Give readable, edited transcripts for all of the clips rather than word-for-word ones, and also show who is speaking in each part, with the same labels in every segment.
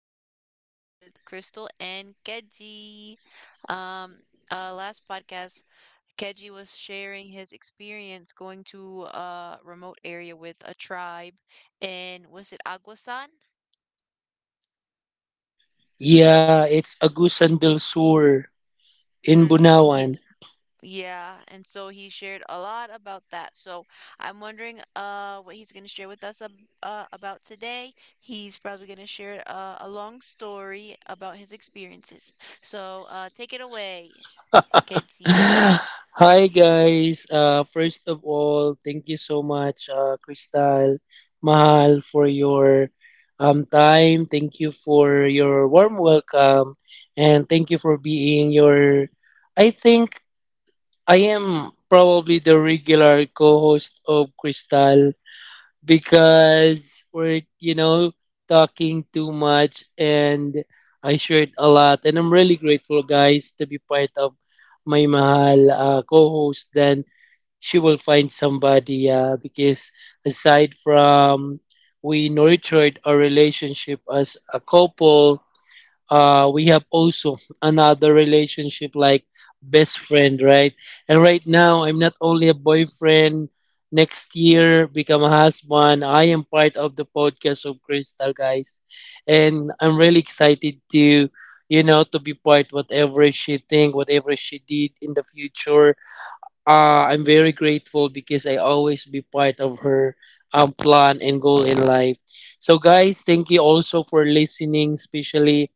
Speaker 1: podcast with Crystal and Keji. Um, last podcast, Keji was sharing his experience going to a remote area with a tribe, and was it Aguasan?
Speaker 2: Yeah, it's Agusan del Sur in
Speaker 1: Mm, yeah.
Speaker 2: Bunawan.
Speaker 1: Yeah, and so he shared a lot about that. So I'm wondering what he's going to share with us ab about today. He's probably going to share a long story about his experiences. So take it away, Kedzi.
Speaker 2: Hi guys. First of all, thank you so much, Crystal, Mahal, for your time. Thank you for your warm welcome, and thank you for being your. I think I am probably the regular co-host of Crystal, because we're talking too much, and I shared a lot, and I'm really grateful guys to be part of my mahal co-host, then she will find somebody because aside from we nurtured our relationship as a couple, we have also another relationship like best friend, right? And right now, I'm not only a boyfriend. Next year, become a husband. I am part of the podcast of Crystal, guys, and I'm really excited to, to be part whatever she think, whatever she did in the future, I'm very grateful because I always be part of her plan and goal in life. So, guys, thank you also for listening. Especially,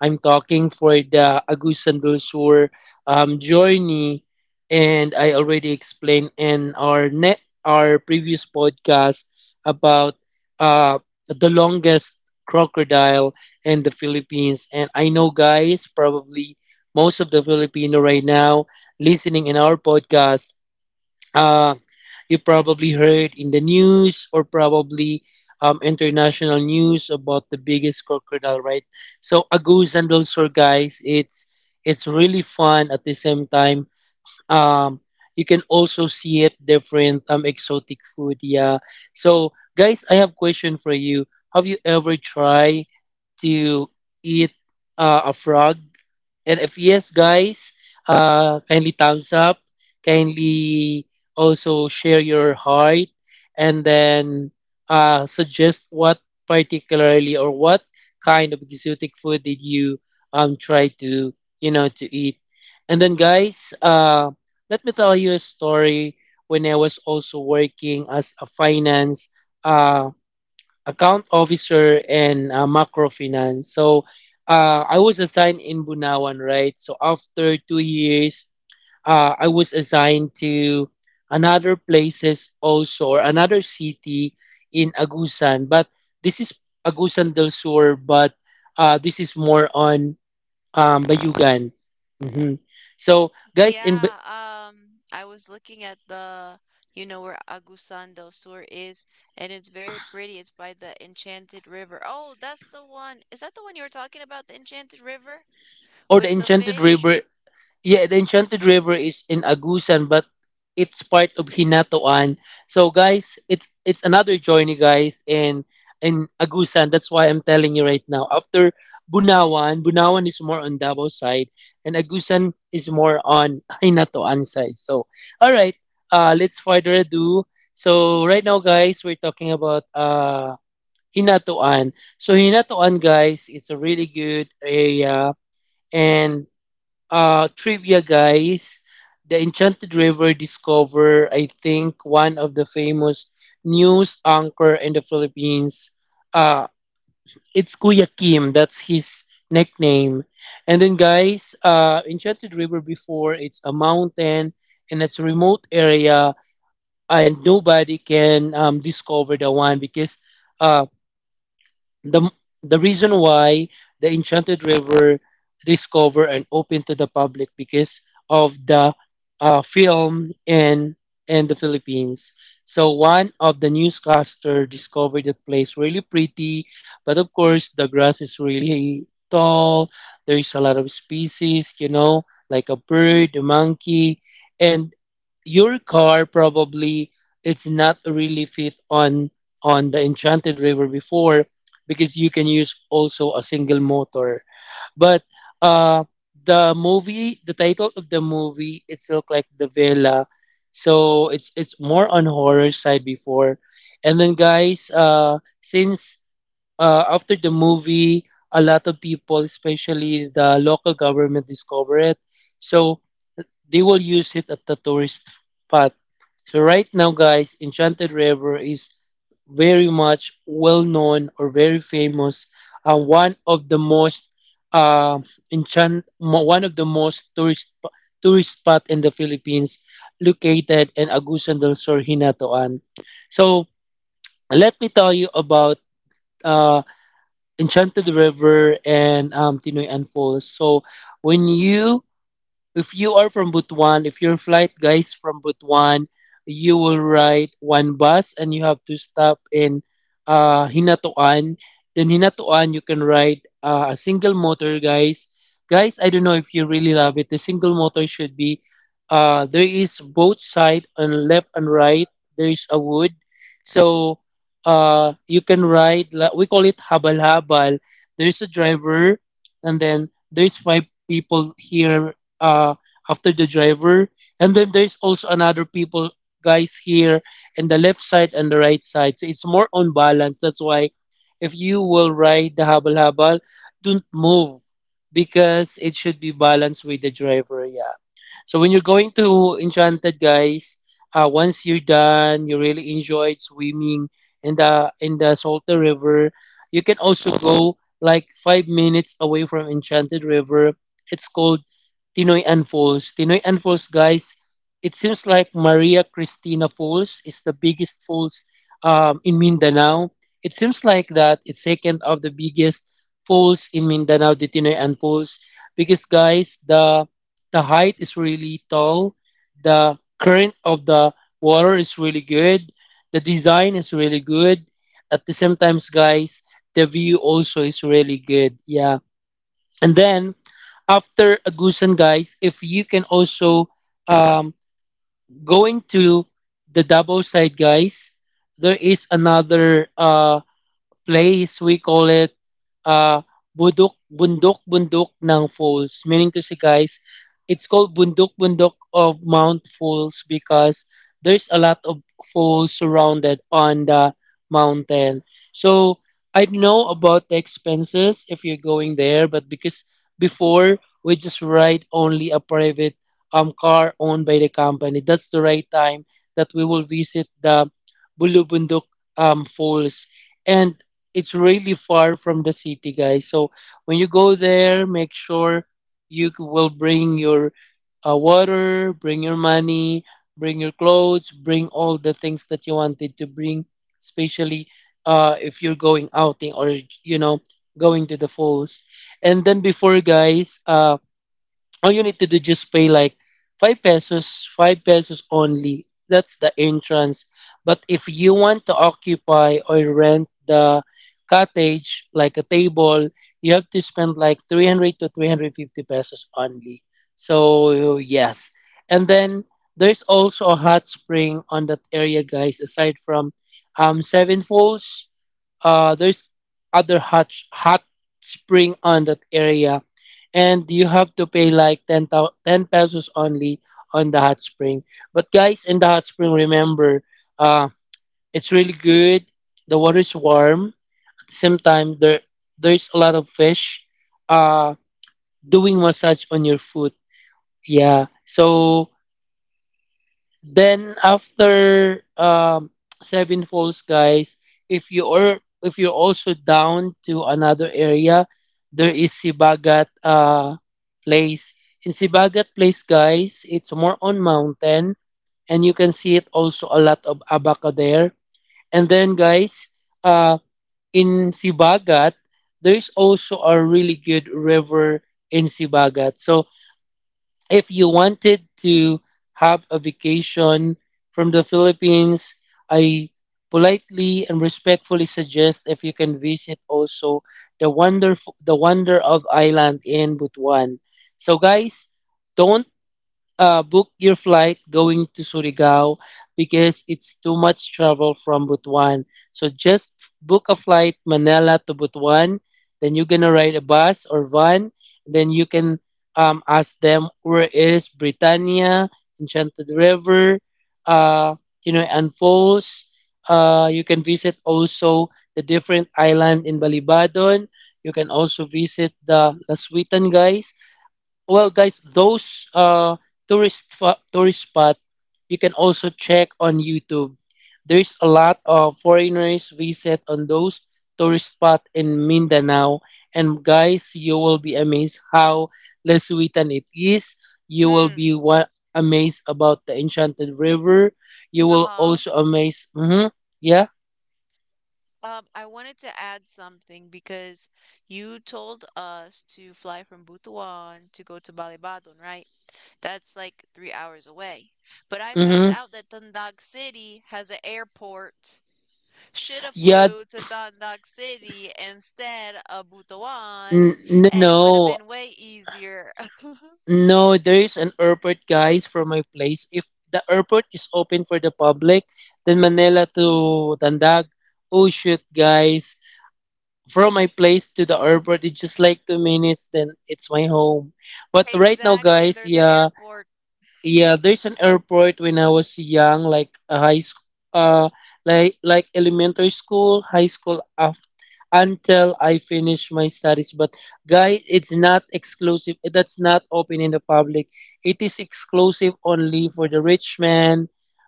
Speaker 2: I'm talking for the Agusan del Sur journey, and I already explained in our previous podcast about uh, the longest crocodile in the Philippines. And I know, guys, probably most of the Filipino right now listening in our podcast, uh, you probably heard in the news or probably international news about the biggest crocodile, right? So a goose and sore guys, it's really fun at the same time. Um, you can also see it different exotic food, yeah. So guys, I have question for you. Have you ever tried to eat a frog? And if yes, guys, kindly thumbs up, kindly also share your heart, and then suggest what particularly or what kind of exotic food did you try to to eat. And then, guys, let me tell you a story when I was also working as a finance, uh, account officer and macro finance. So I was assigned in Bunawan, right? So after 2 years, I was assigned to another places also or another city in Agusan. But this is Agusan del Sur, but this is more on Bayugan. Mhm. So guys,
Speaker 1: Yeah, I was looking at the, you know, where Agusan del Sur is, and it's very pretty. It's by the Enchanted River. Oh, that's the one. Is that the one you were talking about, the Enchanted River
Speaker 2: or
Speaker 1: with
Speaker 2: the
Speaker 1: the
Speaker 2: Enchanted
Speaker 1: fish?
Speaker 2: River. Yeah, the Enchanted River is in Agusan, but it's part of Hinatoan. So guys, it's another journey, guys, in Agusan. That's why I'm telling you right now. After Bunawan, Bunawan is more on Davao side, and Agusan is more on Hinatoan side. So, all right, let's further ado. So right now, guys, we're talking about Hinatoan. So Hinatoan, guys, it's a really good area, and trivia guys, the Enchanted River discover, I think, one of the famous news anchor in the Philippines, uh it's Kuya Kim, that's his nickname. And then guys, Enchanted River before, it's a mountain, and it's a remote area, and nobody can discover the one because uh. The, the reason why the Enchanted River discovered and open to the public because of the film in the Philippines. So one of the newscaster discovered the place really pretty, but of course the grass is really tall. There is a lot of species, like a bird, a monkey, and your car probably it's not really fit on the Enchanted River before because you can use also a single motor. But uh, the movie, the title of the movie, it's look like the villa, so it's more on horror side before. And then guys, since after the movie, a lot of people, especially the local government, discover it, so they will use it at the tourist spot. So right now, guys, Enchanted River is very much well known or very famous, one of the most uh, enchant, one of the most tourist spot in the Philippines, located in Agusan del Sur, Hinatuan. So let me tell you about uh, Enchanted River and Tinoy Falls. So when you if you are from Butuan, if your flight guys from Butuan, you will ride one bus and you have to stop in Hinatuan. Then Hinatuan, you can ride a single motor, guys. Guys, I don't know if you really love it. The single motor should be, there is both side on left and right. There is a wood, so you can ride. We call it habal habal. There is a driver, and then there's five people here uh, after the driver. And then there's also another people guys here and the left side and the right side. So it's more on balance. That's why if you will ride the habal habal, don't move because it should be balanced with the driver. Yeah. So when you're going to Enchanted, guys, once you're done, you really enjoyed swimming in the Salty River. You can also go like 5 minutes away from Enchanted River. It's called Tinoyan Falls. Tinoyan Falls, guys, it seems like Maria Cristina Falls is the biggest falls in Mindanao. It seems like that it's second of the biggest falls in Mindanao, the Tinoyan Falls, because guys, the height is really tall. The current of the water is really good. The design is really good. At the same times, guys, the view also is really good. Yeah. And then after Agusan, guys, if you can also um, going to the Davao side, guys, there is another place, we call it uh, Bundok Bundok ng Falls. Meaning to say, guys, it's called Bundok Bundok of Mount Falls because there's a lot of falls surrounded on the mountain. So I know about the expenses if you're going there, but because before we just ride only a private car owned by the company, that's the right time that we will visit the Bulubundok falls. And it's really far from the city, guys. So when you go there, make sure you will bring your water, bring your money, bring your clothes, bring all the things that you wanted to bring, especially if you're going outing or you know going to the falls. And then before, guys, all you need to do just pay like 5 pesos, 5 pesos only. That's the entrance. But if you want to occupy or rent the cottage, like a table, you have to spend like 300 to 350 pesos only. So, yes. And then there's also a hot spring on that area, guys, aside from Seven Falls. There's other hot hot spring on that area, and you have to pay like 10, 10 pesos only on the hot spring. But guys, in the hot spring, remember, uh, it's really good. The water is warm. At the same time, there's a lot of fish, uh, doing massage on your foot. Yeah. So then after Seven Falls, guys, if you're also down to another area, there is Sibagat Place. In Sibagat Place, guys, it's more on mountain, and you can see it also a lot of abaca there. And then, guys, uh, in Sibagat, there is also a really good river in Sibagat. So if you wanted to have a vacation from the Philippines, I politely and respectfully suggest if you can visit also the wonder of island in Butuan. So guys, don't book your flight going to Surigao because it's too much travel from Butuan. So just book a flight Manila to Butuan. Then you're gonna ride a bus or van. Then you can ask them where is Britannia, Enchanted River, uh, and Falls. You can visit also the different island in Balibadon. You can also visit the Laswitan guys. Well, guys, those tourist tourist spot you can also check on YouTube. There's a lot of foreigners visit on those tourist spot in Mindanao, and guys, you will be amazed how Lesuitan it is. You will
Speaker 1: Mm,
Speaker 2: be amazed about the Enchanted River. You will
Speaker 1: mahal.
Speaker 2: also amazed. Mm-hmm, yeah.
Speaker 1: I wanted to add something because you told us to fly from Butuan to go to Balibadon, right? That's like 3 hours away. But I found
Speaker 2: Mm-hmm.
Speaker 1: out that Tandag City has an airport. Should have
Speaker 2: Yeah.
Speaker 1: flew to Tandag City instead of Butuan, and it would have
Speaker 2: No.
Speaker 1: been way easier.
Speaker 2: No, there is an airport, guys, from my place. If the airport is open for the public, then Manila to Tandag. Oh shoot, guys. From my place to the airport, it's just like 2 minutes, then it's my home. But right now,
Speaker 1: Exactly, and
Speaker 2: guys,
Speaker 1: there's an
Speaker 2: yeah,
Speaker 1: airport.
Speaker 2: yeah, there's an airport when I was young, like a high school, uh, like elementary school, high school after until I finish my studies. But guy, it's not exclusive. That's not open in the public. It is exclusive only for the rich man,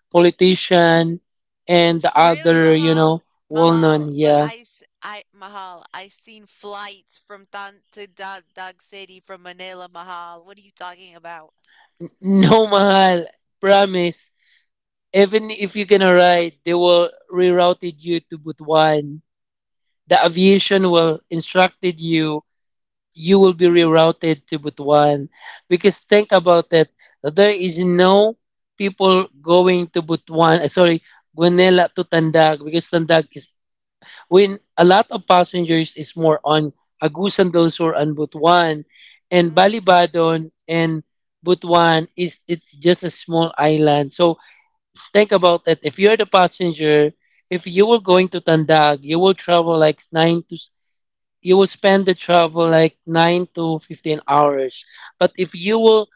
Speaker 2: politician, and the
Speaker 1: Really,
Speaker 2: other,
Speaker 1: Mahal? Mahal,
Speaker 2: well-known.
Speaker 1: but I,
Speaker 2: Yeah,
Speaker 1: s- I, Mahal, I seen flights from Tan to Dog, Dog City from Manila, Mahal. What are you talking about?
Speaker 2: no mahal, promise. Even if you're gonna ride, they will rerouted you to Butuan. The aviation will instructed you. You will be rerouted to Butuan because think about it, there is no people going to Butuan, sorry, Guanela to Tandag because Tandag is when a lot of passengers is more on Agusan del Sur and Butuan
Speaker 1: Mm,
Speaker 2: and Balibadon. And Butuan is it's just a small island, so think about it. If you're the passenger, if you were going to Tandag, you will spend the travel like 9 to 15 hours. But if you will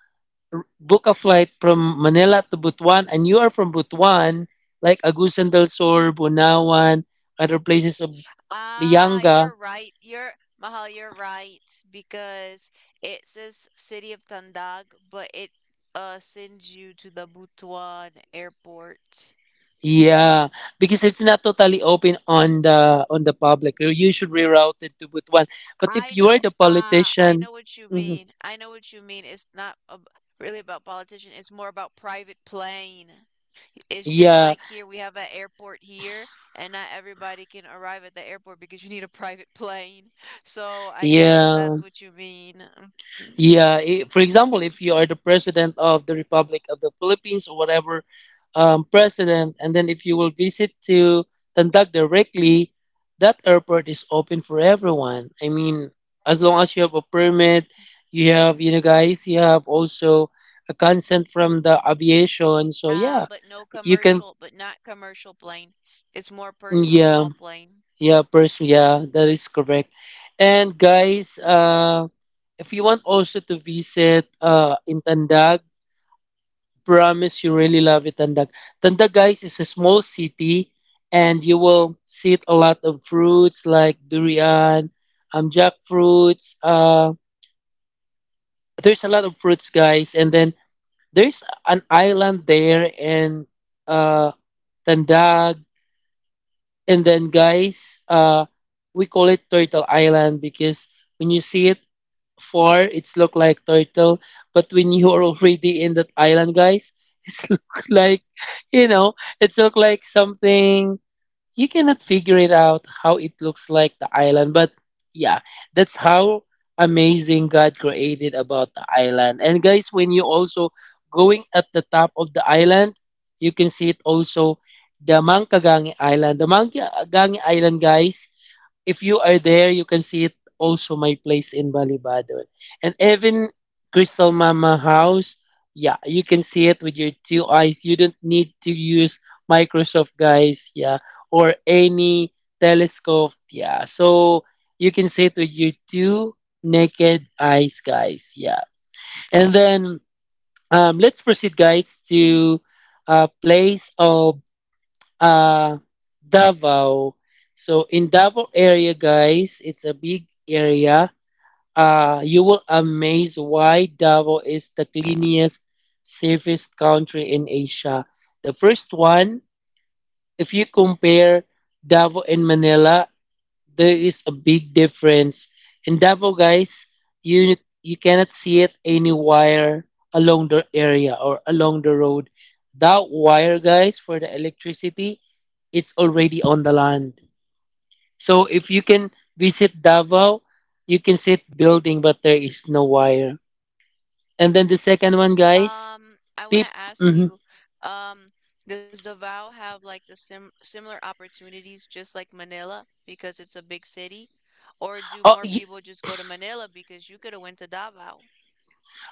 Speaker 2: book a flight from Manila to Butuan and you are from Butuan, like Agusan del Sur, Bunawan, other places of
Speaker 1: ah,
Speaker 2: Lianga,
Speaker 1: you're right. You're Mahal, you're right because it says City of Tandag, but it sends you to the Butuan airport.
Speaker 2: yeah, because it's not totally open on the public. You should reroute it to Butuan. But
Speaker 1: I
Speaker 2: if
Speaker 1: know.
Speaker 2: you are the
Speaker 1: Ah, I know
Speaker 2: politician,
Speaker 1: what you
Speaker 2: mhm,
Speaker 1: mean. I know what you mean. It's not ab really about politician. It's more about private plane. It's just
Speaker 2: yeah,
Speaker 1: like here, we have an airport here, and not everybody can arrive at the airport because you need a private plane. So I guess
Speaker 2: yeah.
Speaker 1: that's what you mean.
Speaker 2: Yeah, I for example, if you are the president of the Republic of the Philippines or whatever president, and then if you will visit to Tandag directly, that airport is open for everyone. I mean, as long as
Speaker 1: Mhm.
Speaker 2: you have a permit, you have, you know, guys, you have also a consent from the aviation. So, yeah,
Speaker 1: Ah, but no
Speaker 2: you can,
Speaker 1: commercial, but not commercial plane. It's more personal,
Speaker 2: yeah,
Speaker 1: small plane.
Speaker 2: yeah, person, yeah, that is correct. And, guys, if you want also to visit in Tandag, promise you really love it, Tandag. Tandag, guys, is a small city, and you will see a lot of fruits like durian, jackfruits. There's a lot of fruits, guys, and then there's an island there in uh, Tandag, and then guys, we call it Turtle Island because when you see it four, it's look like turtle. But when you are already in that island, guys, it's look like, you know, it's look like something you cannot figure it out how it looks like the island. But yeah, that's how amazing God created about the island. And guys, when you also going at the top of the island, you can see it also the Mangkagangi Island. The Mangkagangi Island, guys, if you are there, you can see it also my place in Balibadon. And even Crystal Mama House, yeah, you can see it with your two eyes. You don't need to use Microsoft guys, yeah, or any telescope, yeah. So you can see it with your two naked eyes, guys, yeah. And then let's proceed, guys, to place of uh Davao. So in Davao area, guys, it's a big area. You will amaze why Davao is the cleanest, safest country in Asia. The first one, if you compare Davao and Manila, there is a big difference. In Davao, guys, you you cannot see it any wire along the area or along the road. That wire, guys, for the electricity, it's already on the land. So if you can visit Davao, you can see it building, but there is no wire. And then the second one, guys,
Speaker 1: I
Speaker 2: peep.
Speaker 1: want to ask
Speaker 2: Mhm.
Speaker 1: you, um, does Davao have like the similar opportunities just like Manila because it's a big city? Or do
Speaker 2: Oh,
Speaker 1: more
Speaker 2: y-
Speaker 1: people just go to Manila because you could have went to Davao?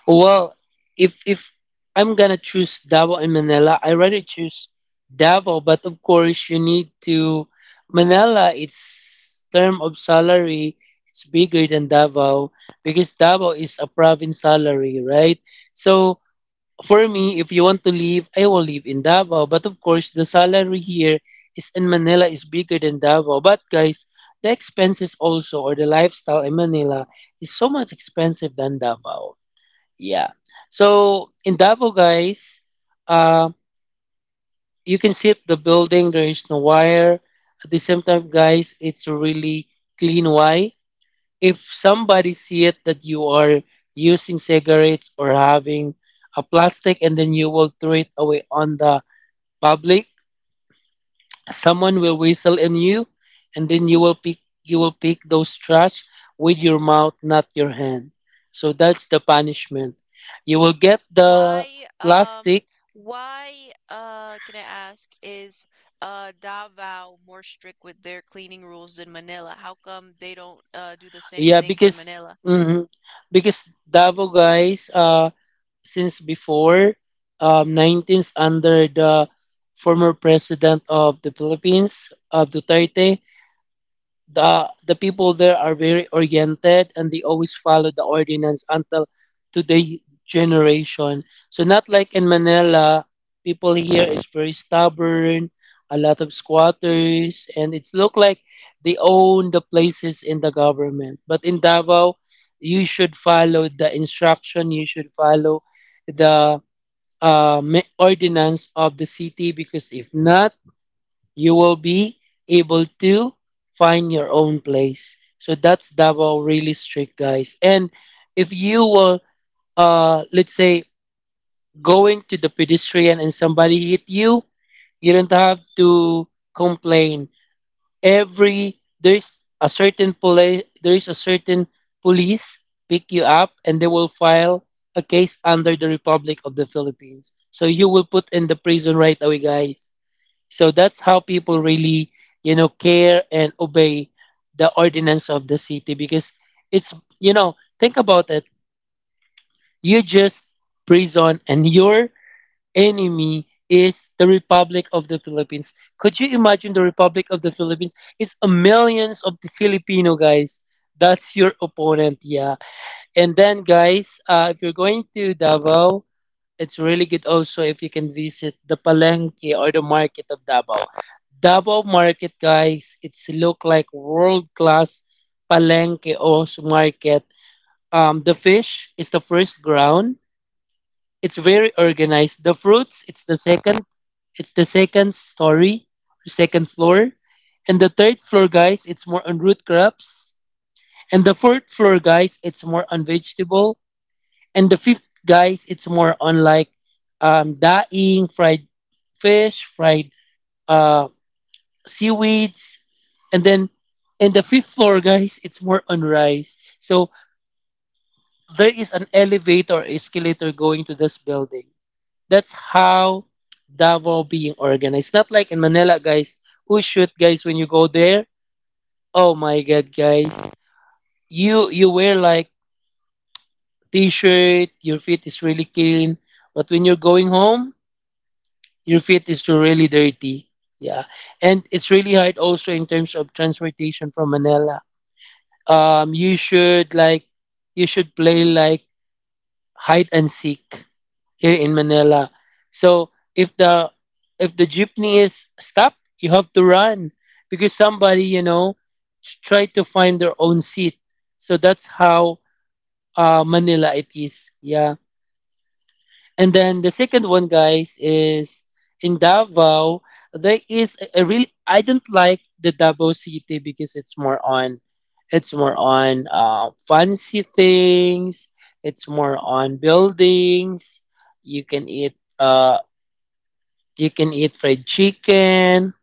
Speaker 2: well, if I'm gonna choose Davao and Manila, I rather choose Davao. But of course, you need to Manila. Its term of salary is bigger than Davao because Davao is a province salary, right? So for me, if you want to live, I will live in Davao. But of course, the salary here is in Manila is bigger than Davao. But guys, the expenses also or the lifestyle in Manila is so much expensive than Davao. Yeah. So in Davao, guys, uh, you can see it, the building. There is no wire. At the same time, guys, it's a really clean wire. If somebody see it that you are using cigarettes or having a plastic and then you will throw it away on the public, someone will whistle in you, and then you will pick those trash with your mouth, not your hand. So that's the punishment. You will get the
Speaker 1: Why, um,
Speaker 2: plastic.
Speaker 1: can I ask, is Davao more strict with their cleaning rules than Manila? How come they don't do the same
Speaker 2: Yeah,
Speaker 1: thing for
Speaker 2: because
Speaker 1: Manila?
Speaker 2: mhm, because Davao guys, since before 19th under the former president of the Philippines, of Duterte, the people there are very oriented and they always follow the ordinance until today generation. So not like in Manila, people here is very stubborn, a lot of squatters, and it's look like they own the places in the government. But in Davao, you should follow the instruction, you should follow the ordinance of the city because if not, you will be able to find your own place. So that's Davao really strict, guys. And if you will, let's say, going to the pedestrian and somebody hit you, you don't have to complain. Every There's a certain police, there is a certain police pick you up, and they will file a case under the Republic of the Philippines. So you will put in the prison right away, guys. So that's how people really, you know, care and obey the ordinance of the city because it's, you know, think about it. You just prison and your enemy is the Republic of the Philippines. Could you imagine the Republic of the Philippines? It's a millions of the Filipino guys. That's your opponent, yeah. And then guys, if you're going to Davao, it's really good also if you can visit the Palenque or the market of Davao. Davao market, guys, it's look like world class Palenque or market. The fish is the first ground. It's very organized. The fruits, it's the second. It's the second story, second floor, and the third floor, guys, it's more on root crops. And the fourth floor, guys, it's more on vegetable. And the fifth, guys, it's more on like dying, fried fish, fried uh, seaweeds. And then in the fifth floor, guys, it's more on rice. So there is an elevator, or escalator going to this building. That's how Davao being organized. Not like in Manila, guys. Who shoot, guys, when you go there? Oh my God, guys. You wear like t-shirt, your feet is really clean. But when you're going home, your feet is really dirty. Yeah. And it's really hard also in terms of transportation from Manila. You should like you should play like hide and seek here in Manila. So if the if the jeepney is stopped, you have to run because somebody you know try to find their own seat. So that's how Manila it is. Yeah. And then the second one, guys, is in Davao. There is a really I don't like the Davao City because it's more on fancy things. It's more on buildings. You can eat uh you can eat fried chicken.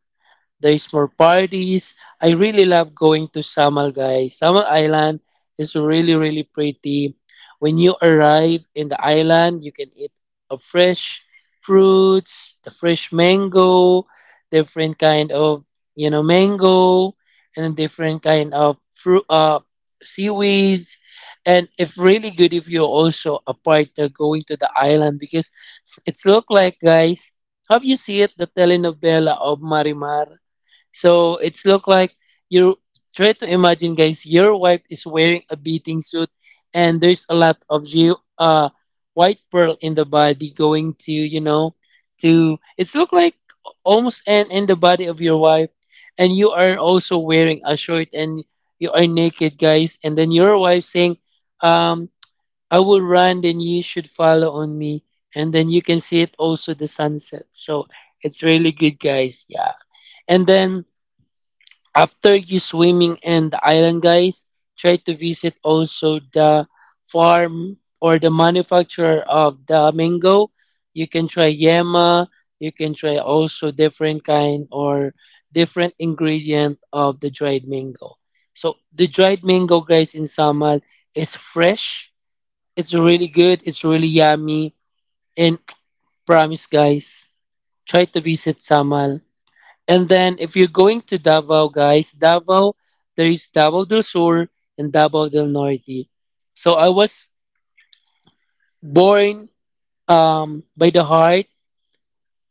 Speaker 2: There's more parties. I really love going to Samal, guys. Samal Island is really, really pretty. When you arrive in the island, you can eat a fresh fruits, the fresh mango, different kind of you know mango, and different kind of fruit, seaweeds. And it's really good if you're also a partner going to the island because it's look like guys, have you seen it, the telenovela of Marimar? So it's look like you try to imagine, guys. Your wife is wearing a bathing suit, and there's a lot of you white pearl in the body going to you know to it's look like almost in the body of your wife, and you are also wearing a shirt and you are naked, guys. And then your wife saying, um, "I will run, then you should follow on me." And then you can see it also the sunset. So it's really good, guys. Yeah. And then after you swimming in the island guys, try to visit also the farm or the manufacturer of the mango. You can try Yema, you can try also different kind or different ingredient of the dried mango. So the dried mango guys in Samal is fresh. It's really good, it's really yummy, and promise guys, try to visit Samal. And then if you're going to Davao, guys, Davao, there is Davao del Sur and Davao del Norte. So I was born by the heart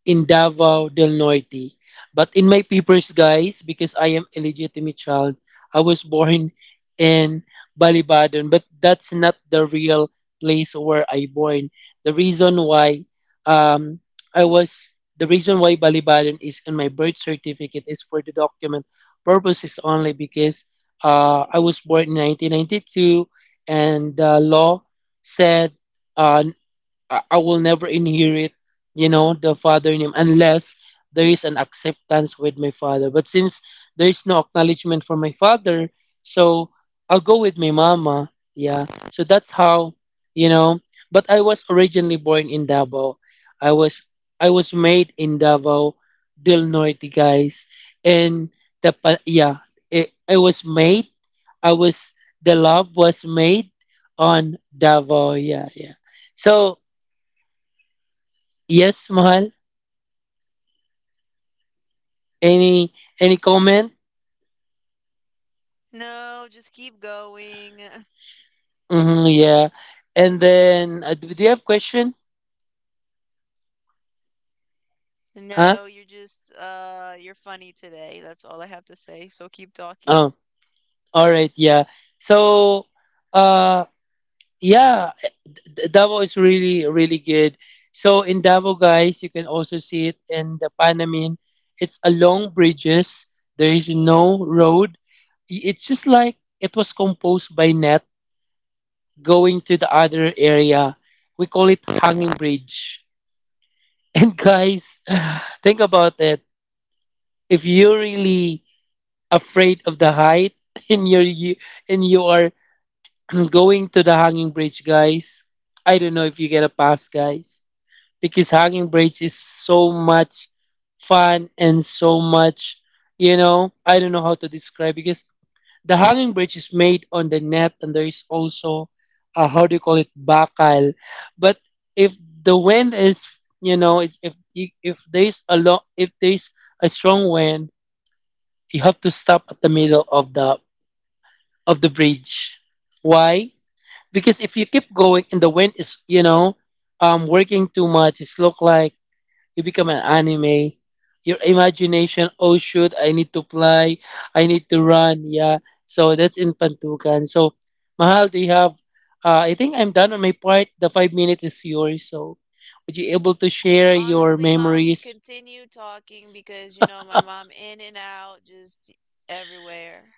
Speaker 2: in Davao del Norte. But in my papers, guys, because I am illegitimate child, I was born in Balibadon, but that's not the real place where I born. The reason why um, I was the reason why Balibadon is in my birth certificate is for the document purposes only because I was born in 1992 and the law said uh, I will never inherit, you know, the father name unless there is an acceptance with my father. But since there is no acknowledgement from my father, so I'll go with my mama. Yeah. So that's how, you know. But I was originally born in Davao. I was I was made in Davao del Norte, guys. And yeah, it, I was made. I was The love was made on Davao. Yeah, yeah. So yes, Mahal. Any any comment?
Speaker 1: No, just keep going.
Speaker 2: Hmm, yeah. And then do you have question? Huh?
Speaker 1: No, you're just you're funny today. That's all I have to say. So keep talking.
Speaker 2: Oh, all right. Yeah. So, uh, yeah, Davao is really really good. So in Davao, guys, you can also see it in the Panamin. It's along bridges. There is no road. It's just like it was composed by net going to the other area. We call it hanging bridge. And guys, think about it. If you're really afraid of the height and you're you, and you are going to the hanging bridge, guys, I don't know if you get a pass, guys, because hanging bridge is so much fun and so much, I don't know how to describe because the hanging bridge is made on the net, and there is also how do you call it bakal. But if the wind is, you know, it's, if if there is a if there is a strong wind, you have to stop at the middle of the bridge. Why? Because if you keep going and the wind is, working too much, it's look like you become an anime. Your imagination, oh shoot, I need to fly, I need to run, yeah. So that's in Pantukan. So Mahal, do you have I think I'm done on my part. The 5 minutes is yours. So would you able to share your
Speaker 1: Honestly, Mal,
Speaker 2: memories?
Speaker 1: continue talking because you know my mom in and out, just everywhere.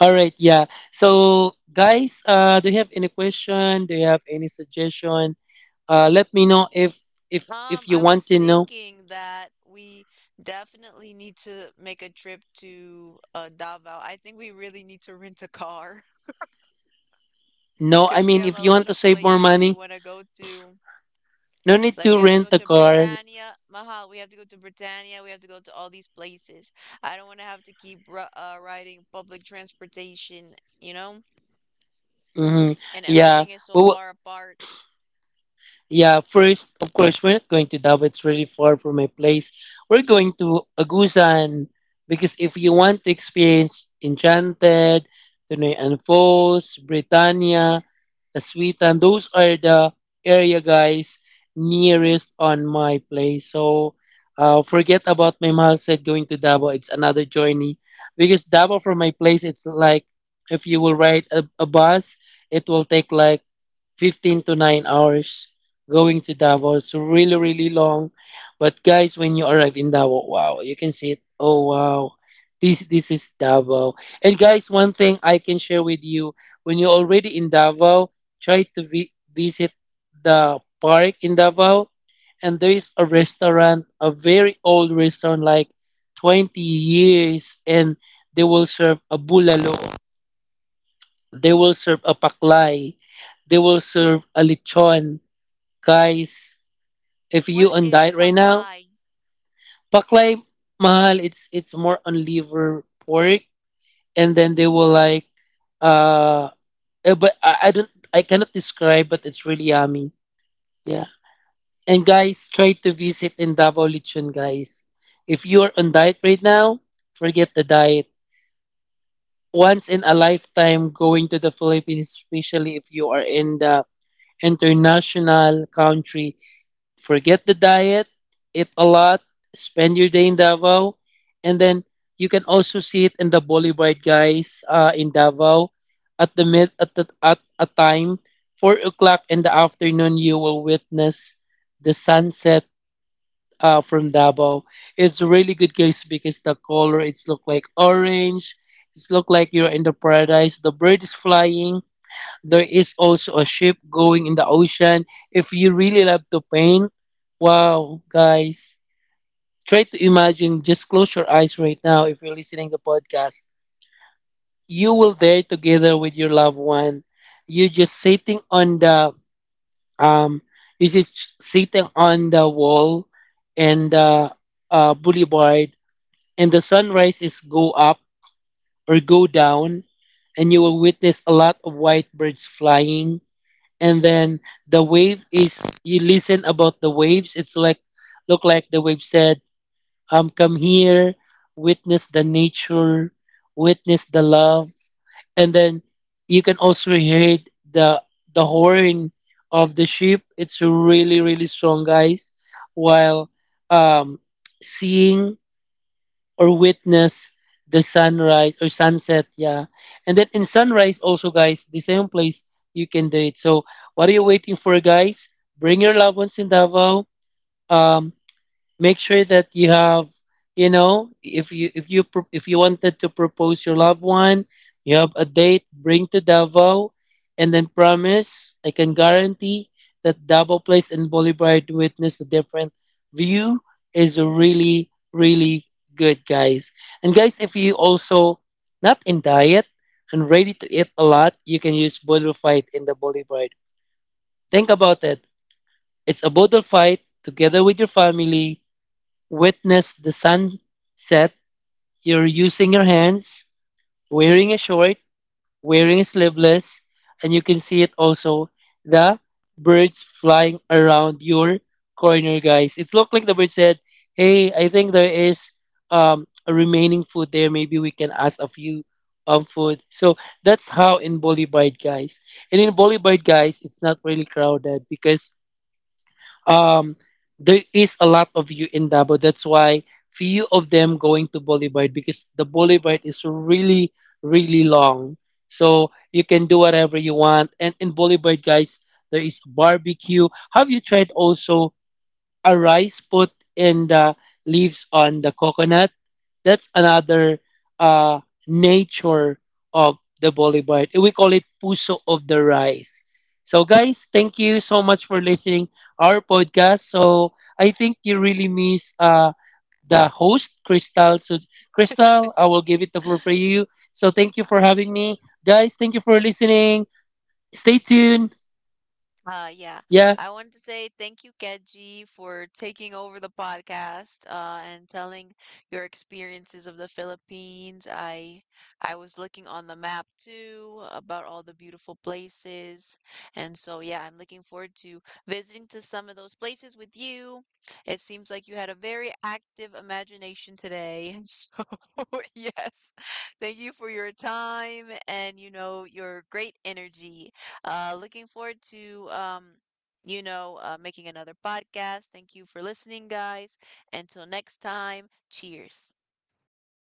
Speaker 2: All right, yeah. So guys, do you have any question? Do you have any suggestion? Let me know if if you
Speaker 1: I
Speaker 2: want
Speaker 1: was
Speaker 2: to know.
Speaker 1: thinking that we definitely need to make a trip to Davao. I think we really need to rent a car
Speaker 2: No, I
Speaker 1: because we
Speaker 2: mean
Speaker 1: have
Speaker 2: if
Speaker 1: a
Speaker 2: you want
Speaker 1: lot
Speaker 2: to
Speaker 1: of
Speaker 2: save more
Speaker 1: places we
Speaker 2: money,
Speaker 1: want to go to.
Speaker 2: no need
Speaker 1: Like
Speaker 2: to
Speaker 1: we have to go
Speaker 2: rent a
Speaker 1: to
Speaker 2: car.
Speaker 1: Britannia, Mahal. We have to go to Britannia. We have to go to all these places. I don't want to have to keep riding public transportation, you know?
Speaker 2: Mm-hmm.
Speaker 1: And
Speaker 2: Yeah.
Speaker 1: everything is so
Speaker 2: Well,
Speaker 1: far apart.
Speaker 2: yeah. First, of course, we're not going to Davao. It's really far from my place. We're going to Agusan because if you want to experience Enchanted, Tunay and Falls, Britannia, Aswitan, those are the area guys nearest on my place. So, forget about my mahal said going to Davao. It's another journey because Davao from my place, it's like if you will ride a bus, it will take like 15 to 9 hours going to Davao. It's really, really long. But guys, when you arrive in Davao, wow, you can see it. Oh, wow. This is Davao. And guys, one thing I can share with you when you're already in Davao, try to visit the park in Davao. And there is a restaurant, a very old restaurant, like 20 years, and they will serve a bulalo. They will serve a paklay. They will serve a lechon. Guys, if you
Speaker 1: What
Speaker 2: on
Speaker 1: is
Speaker 2: diet right now,
Speaker 1: Paklay?
Speaker 2: paklay mahal. It's more on liver pork, and then they will like uh, but I don't I cannot describe, but it's really yummy. Yeah, and guys, try to visit in Davao Lechon, guys. If you are on diet right now, forget the diet. Once in a lifetime going to the Philippines, especially if you are in the international country. Forget the diet, eat a lot, spend your day in Davao, and then you can also see it in the Boulevard guys in Davao at the mid at the, at a time 4 o'clock in the afternoon. You will witness the sunset from Davao. It's really good guys because the color it's look like orange. It's look like you're in the paradise. The bird is flying. There is also a ship going in the ocean. If you really love to paint, wow, guys. Try to imagine, just close your eyes right now if you're listening to the podcast. You will there together with your loved one. You just sitting on the um you just sitting on the wall and boulevard and the sunrises go up or go down and you will witness a lot of white birds flying, and then the wave is you listen about the waves it's like look like the wave said, come here, witness the nature, witness the love, and then you can also hear the the horn of the ship. It's really really strong guys while um seeing or witness the sunrise or sunset, yeah. And then in sunrise also guys the same place you can do it. So what are you waiting for guys, bring your loved ones in Davao. um make sure that you have, you know, if you if you if you wanted to propose your loved one, you have a date, bring to Davao. And then promise, I can guarantee that Davao place and boulevard witness the different view is really really good guys. And guys, if you also not in diet and ready to eat a lot, you can use bodul fight in the boulevard. Think about it, it's a bodul fight together with your family, witness the sunset, you're using your hands, wearing a short, wearing a sleeveless, and you can see it also the birds flying around your corner, guys. It's looked like the bird said, "Hey, I think there is a remaining food there. Maybe we can ask a few food." So that's how in Bolivide, guys. And in Bolivide, guys, it's not really crowded because um, there is a lot of you in Davao. That's why few of them going to Boulevard because the Boulevard is really, really long. So you can do whatever you want. And in Boulevard, guys, there is barbecue. Have you tried also a rice put in the leaves on the coconut. That's another uh, nature of the Bolivar. We call it puso of the rice. So, guys, thank you so much for listening our podcast. So, I think you really miss the host, Crystal. So, Crystal, I will give it the floor for you. So, thank you for having me, guys. Thank you for listening. Stay tuned.
Speaker 1: Yeah,
Speaker 2: Yeah.
Speaker 1: I wanted to say thank you, Keji, for taking over the podcast and telling your experiences of the Philippines. I was looking on the map too about all the beautiful places, and so yeah, I'm looking forward to visiting to some of those places with you. It seems like you had a very active imagination today. So yes, thank you for your time and you know your great energy. Looking forward to, you know, making another podcast. Thank you for listening, guys. Until next time, cheers.